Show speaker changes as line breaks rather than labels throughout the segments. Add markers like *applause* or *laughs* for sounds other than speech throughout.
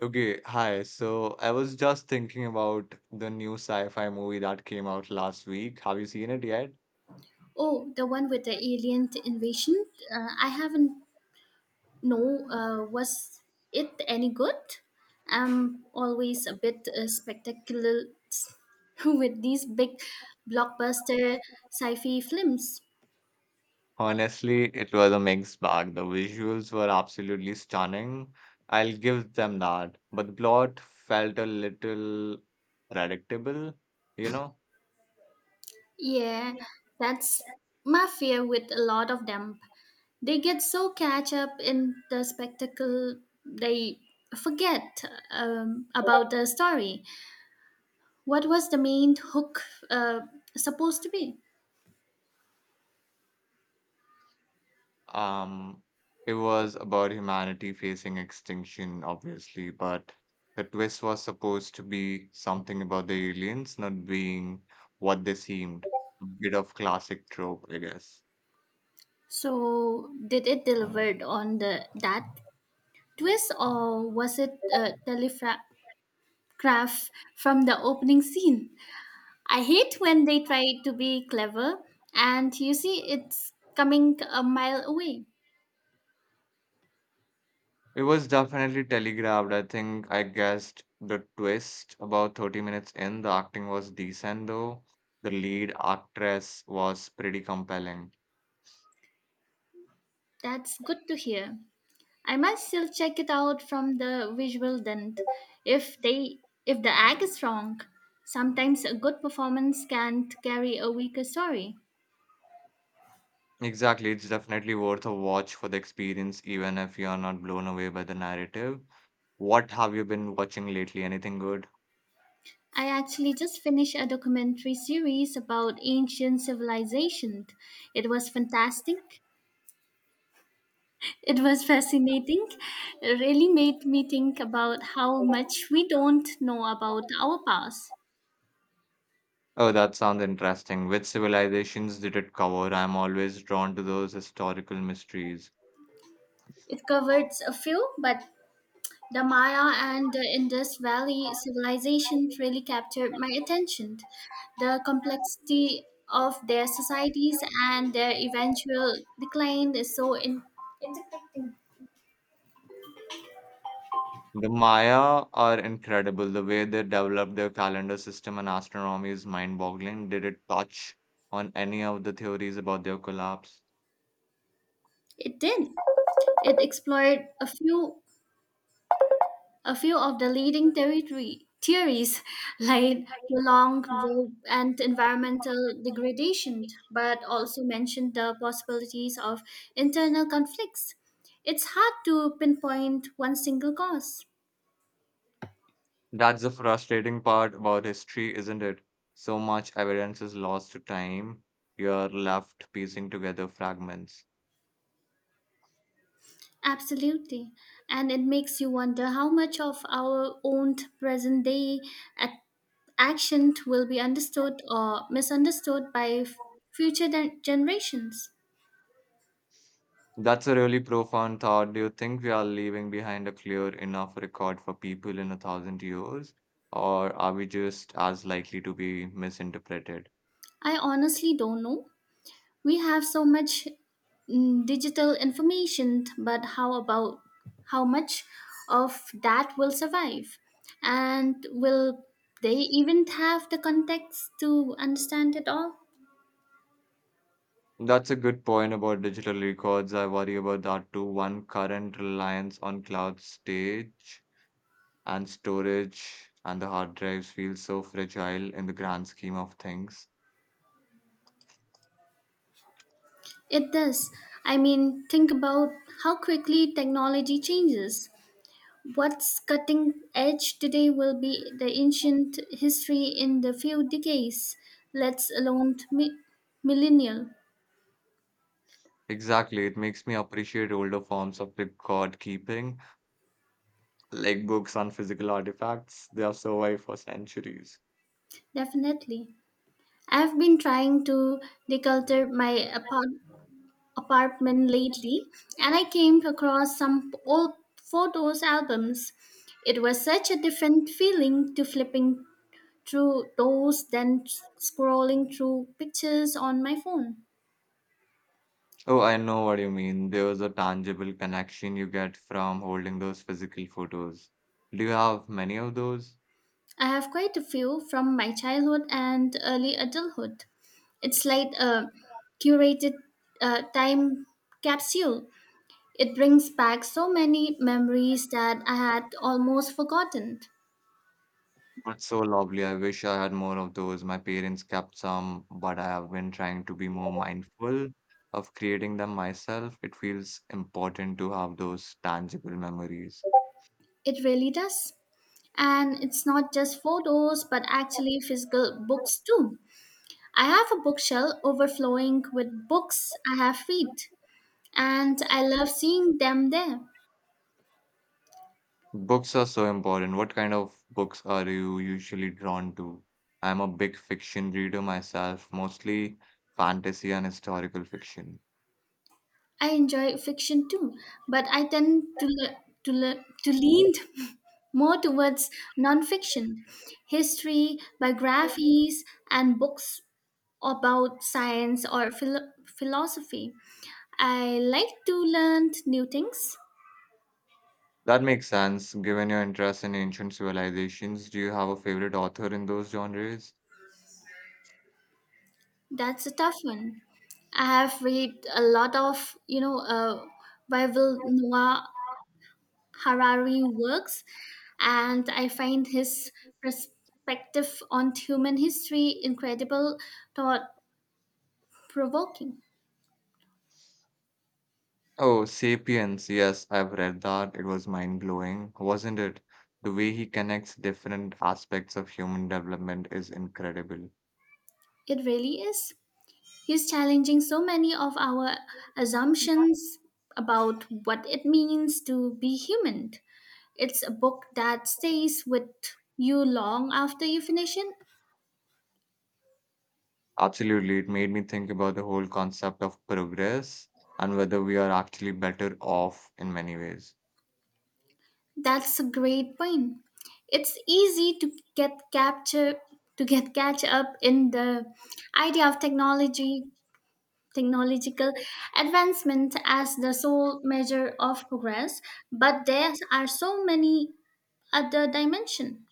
Okay, hi. So I was just thinking about the new sci-fi movie that came out last week. Have you seen it yet?
Oh, the one with the alien invasion. I haven't know. Was it any good? I'm always a bit spectacular *laughs* with these big blockbuster sci-fi films.
Honestly, it was a mixed bag. The visuals were absolutely stunning. I'll give them that. But the plot felt a little predictable, you know?
Yeah, that's my fear with a lot of them. They get so catch up in the spectacle they forget about the story. What was the main hook uh, supposed to be?
Um, it was about humanity facing extinction, obviously, but the twist was supposed to be something about the aliens not being what they seemed. A bit of classic trope, I guess.
So, did it delivered on the that twist, or was it a telegraph from the opening scene? I hate when they try to be clever, and you see it's coming a mile away.
It was definitely telegraphed. I think I guessed the twist about 30 minutes in. The acting was decent, though. The lead actress was pretty compelling.
That's good to hear. I might still check it out from the visual dent. If they if the act is wrong, sometimes a good performance can't carry a weaker story.
Exactly, it's definitely worth a watch for the experience, even if you are not blown away by the narrative. What have you been watching lately? Anything good?
I actually just finished a documentary series about ancient civilization. It was fantastic. It was fascinating. It really made me think about how much we don't know about our past.
Oh, that sounds interesting. Which civilizations did it cover? I'm always drawn to those historical mysteries.
It covered a few, but the Maya and the Indus Valley civilization really captured my attention. The complexity of their societies and their eventual decline is so interconnecting.
The Maya are incredible. The way they developed their calendar system and astronomy is mind-boggling. Did it touch on any of the theories about their collapse?
It did. It explored a few of the leading territory theories *laughs* like prolonged drought and environmental degradation, but also mentioned the possibilities of internal conflicts. It's hard to pinpoint one single cause.
That's the frustrating part about history, isn't it? So much evidence is lost to time. You're left piecing together fragments.
Absolutely. And it makes you wonder how much of our own present day ac- action will be understood or misunderstood by future generations.
That's a really profound thought. Do you think we are leaving behind a clear enough record for people in a thousand years? Or are we just as likely to be misinterpreted?
I honestly don't know. We have so much digital information, but how much of that will survive? And will they even have the context to understand it all?
That's a good point about digital records. I worry about that too. One current reliance on cloud stage and storage and the hard drives feels so fragile in the grand scheme of things.
It does. I mean, think about how quickly technology changes. What's cutting edge today will be the ancient history in the few decades, let us alone millennial,
Exactly. It makes me appreciate older forms of record keeping, like books on physical artifacts. They have survived for centuries.
definitely. I've been trying to declutter my apartment lately, and I came across some old photos albums. It was such a different feeling to flipping through those than scrolling through pictures on my phone.
Oh, I know what you mean. There was a tangible connection you get from holding those physical photos. Do you have many of those?
I have quite a few from my childhood and early adulthood. It's like a curated time capsule. It brings back so many memories that I had almost forgotten.
That's so lovely. I wish I had more of those. My parents kept some, but I have been trying to be more mindful of creating them myself. It feels important to have those tangible memories.
It really does. And it's not just photos, but actually physical books too. I have a bookshelf overflowing with books I have read, and I love seeing them there.
Books are so important. What kind of books are you usually drawn to? I'm a big fiction reader myself, mostly fantasy and historical fiction.
I enjoy fiction too, but I tend to lean *laughs* more towards nonfiction, history, biographies, and books about science or philosophy. I like to learn new things.
That makes sense, given your interest in ancient civilizations. Do you have a favorite author in those genres?
That's a tough one. I have read a lot of, Bible Noah Harari works, and I find his perspective on human history incredible, thought provoking.
Oh, Sapiens. Yes, I've read that. It was mind-blowing, wasn't it? The way he connects different aspects of human development is incredible.
It really is. He's challenging so many of our assumptions about what it means to be human. It's a book that stays with you long after you finish it.
Absolutely. It made me think about the whole concept of progress and whether we are actually better off in many ways.
That's a great point. It's easy to get capture to get catch up in the idea of technology technological advancement as the sole measure of progress, but there are so many other dimensions.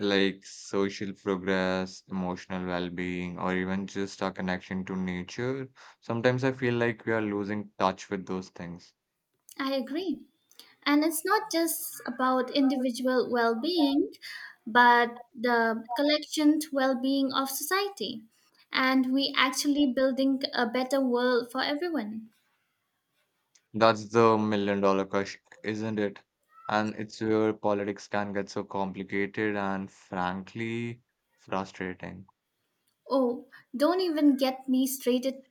Like social progress, emotional well-being, or even just our connection to nature. Sometimes I feel like we are losing touch with those things.
I agree. And it's not just about individual well being, but the collective well being of society. And we actually building a better world for everyone.
That's the million dollar question, isn't it? And it's where politics can get so complicated and frankly frustrating.
Oh, don't even get me straighted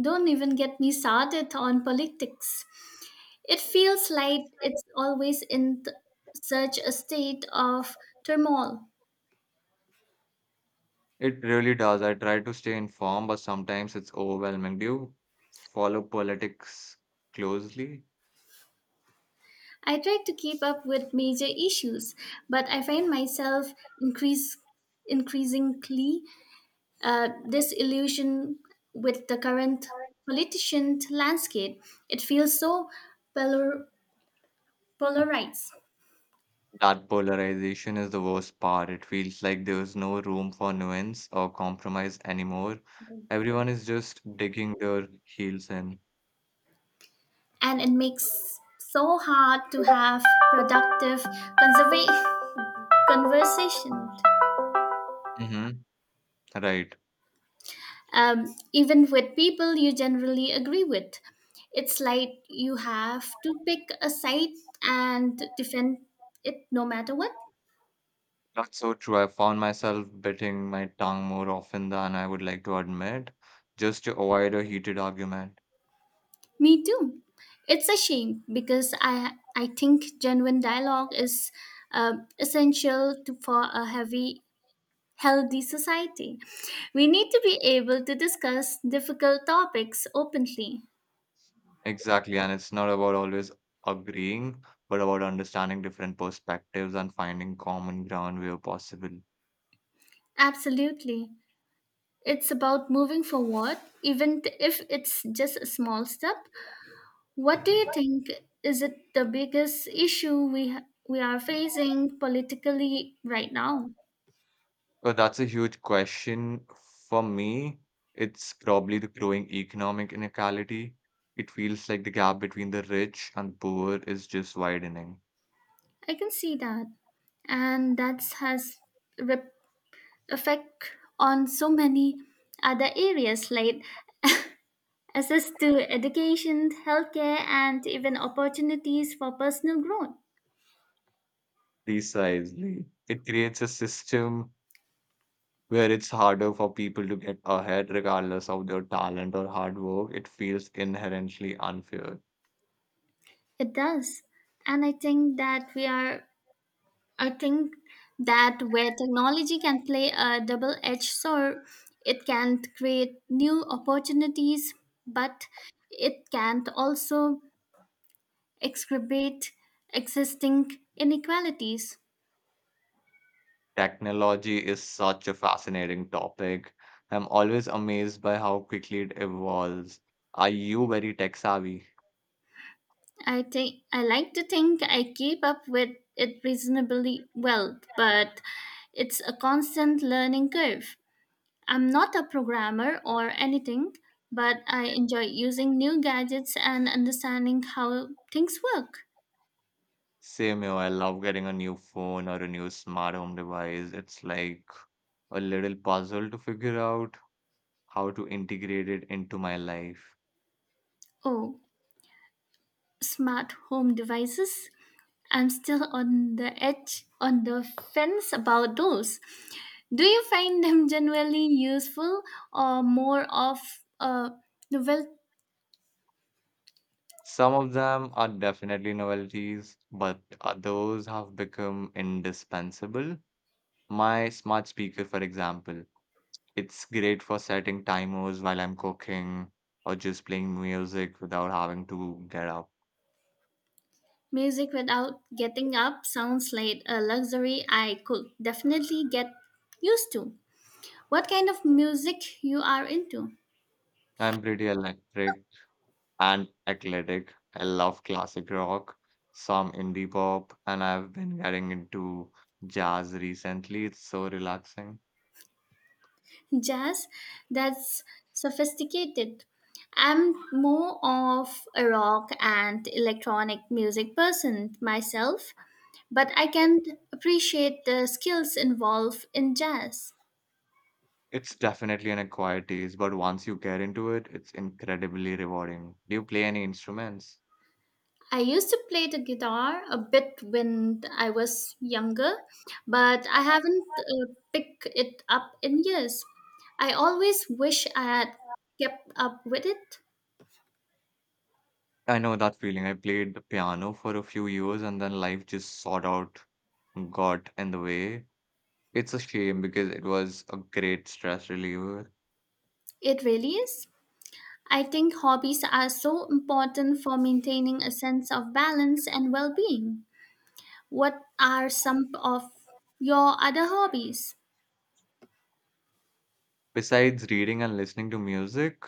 don't even get me started on politics. It feels like it's always in such a state of turmoil.
It really does. I try to stay informed, but sometimes it's overwhelming. Do you follow politics closely?
I try to keep up with major issues, but I find myself increase, increasingly disillusioned with the current politician landscape. It feels so polar, polarized,
That polarization is the worst part. It feels like there's no room for nuance or compromise anymore. Everyone is just digging their heels in.
and it makes so hard to have productive conserva- conversation.
Hmm. Right.
Even with people you generally agree with. It's like you have to pick a side and defend it no matter what.
That's so true. I found myself biting my tongue more often than I would like to admit, just to avoid a heated argument.
Me too. It's a shame because I think genuine dialogue is essential for a heavy healthy society. We need to be able to discuss difficult topics openly.
Exactly. And it's not about always agreeing, but about understanding different perspectives and finding common ground where possible.
Absolutely. It's about moving forward, even if it's just a small step. What do you think is it the biggest issue we are facing politically right now?
Oh, that's a huge question. For me, it's probably the growing economic inequality. It feels like the gap between the rich and poor is just widening.
I can see that, and that has rep- effect on so many other areas like access to education, healthcare, and even opportunities for personal growth.
Precisely. It creates a system where it's harder for people to get ahead, regardless of their talent or hard work. It feels inherently unfair.
It does, and I think that where technology can play a double edged sword, it can create new opportunities, but it can also exacerbate existing inequalities.
Technology is such a fascinating topic. I'm always amazed by how quickly it evolves. Are you very tech savvy?
I like to think I keep up with it reasonably well, but it's a constant learning curve. I'm not a programmer or anything, but I enjoy using new gadgets and understanding how things work.
Same here. I love getting a new phone or a new smart home device. It's like a little puzzle to figure out how to integrate it into my life.
Oh, smart home devices. I'm still on the fence about those. Do you find them *laughs* generally useful or more of a novel
Some of them are definitely novelties, but others have become indispensable. My smart speaker, for example, it's great for setting timers while I'm cooking or just playing music without having to get up.
music without getting up sounds like a luxury I could definitely get used to? What kind of music you are into?
I'm pretty electric and athletic. I love classic rock, some indie pop, and I've been getting into jazz recently. It's so relaxing.
Jazz, that's sophisticated. I'm more of a rock and electronic music person myself, but I can appreciate the skills involved in jazz.
It's definitely an acquired taste, but once you get into it, it's incredibly rewarding. Do you play any instruments?
I used to play the guitar a bit when I was younger, but I haven't picked it up in years. I always wish I had kept up with it.
I know that feeling. I played the piano for a few years and then life just sort out got in the way. It's a shame because it was a great stress reliever.
It really is. I think hobbies are so important for maintaining a sense of balance and well being. What are some of your other hobbies?
Besides reading and listening to music,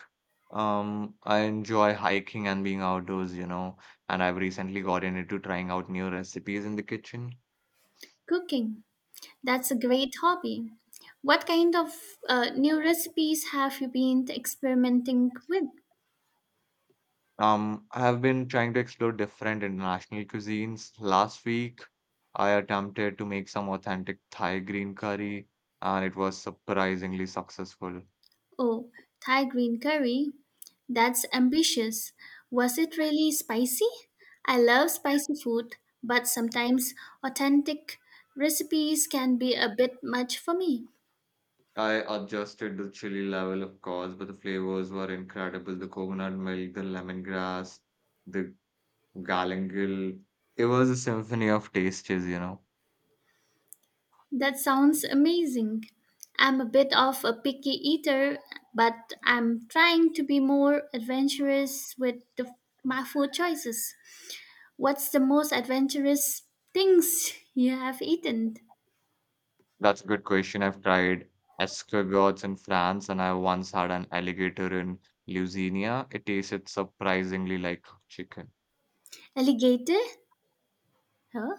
I enjoy hiking and being outdoors, and I've recently gotten into trying out new recipes in the kitchen.
Cooking. That's a great hobby. What kind of new recipes have you been experimenting with?
I have been trying to explore different international cuisines. Last week, I attempted to make some authentic Thai green curry, and it was surprisingly successful.
Oh, Thai green curry. That's ambitious. Was it really spicy? I love spicy food, but sometimes authentic recipes can be a bit much for me.
I adjusted the chili level, of course, but the flavors were incredible. The coconut milk, the lemongrass, the Galangil, it was a symphony of tastes.
That sounds amazing. I'm a bit of a picky eater, but I'm trying to be more adventurous with my food choices. What's the most adventurous things you have eaten?
That's a good question. I've tried escargots in France, and I once had an alligator in Louisiana. It tasted surprisingly like chicken.
Alligator? Huh?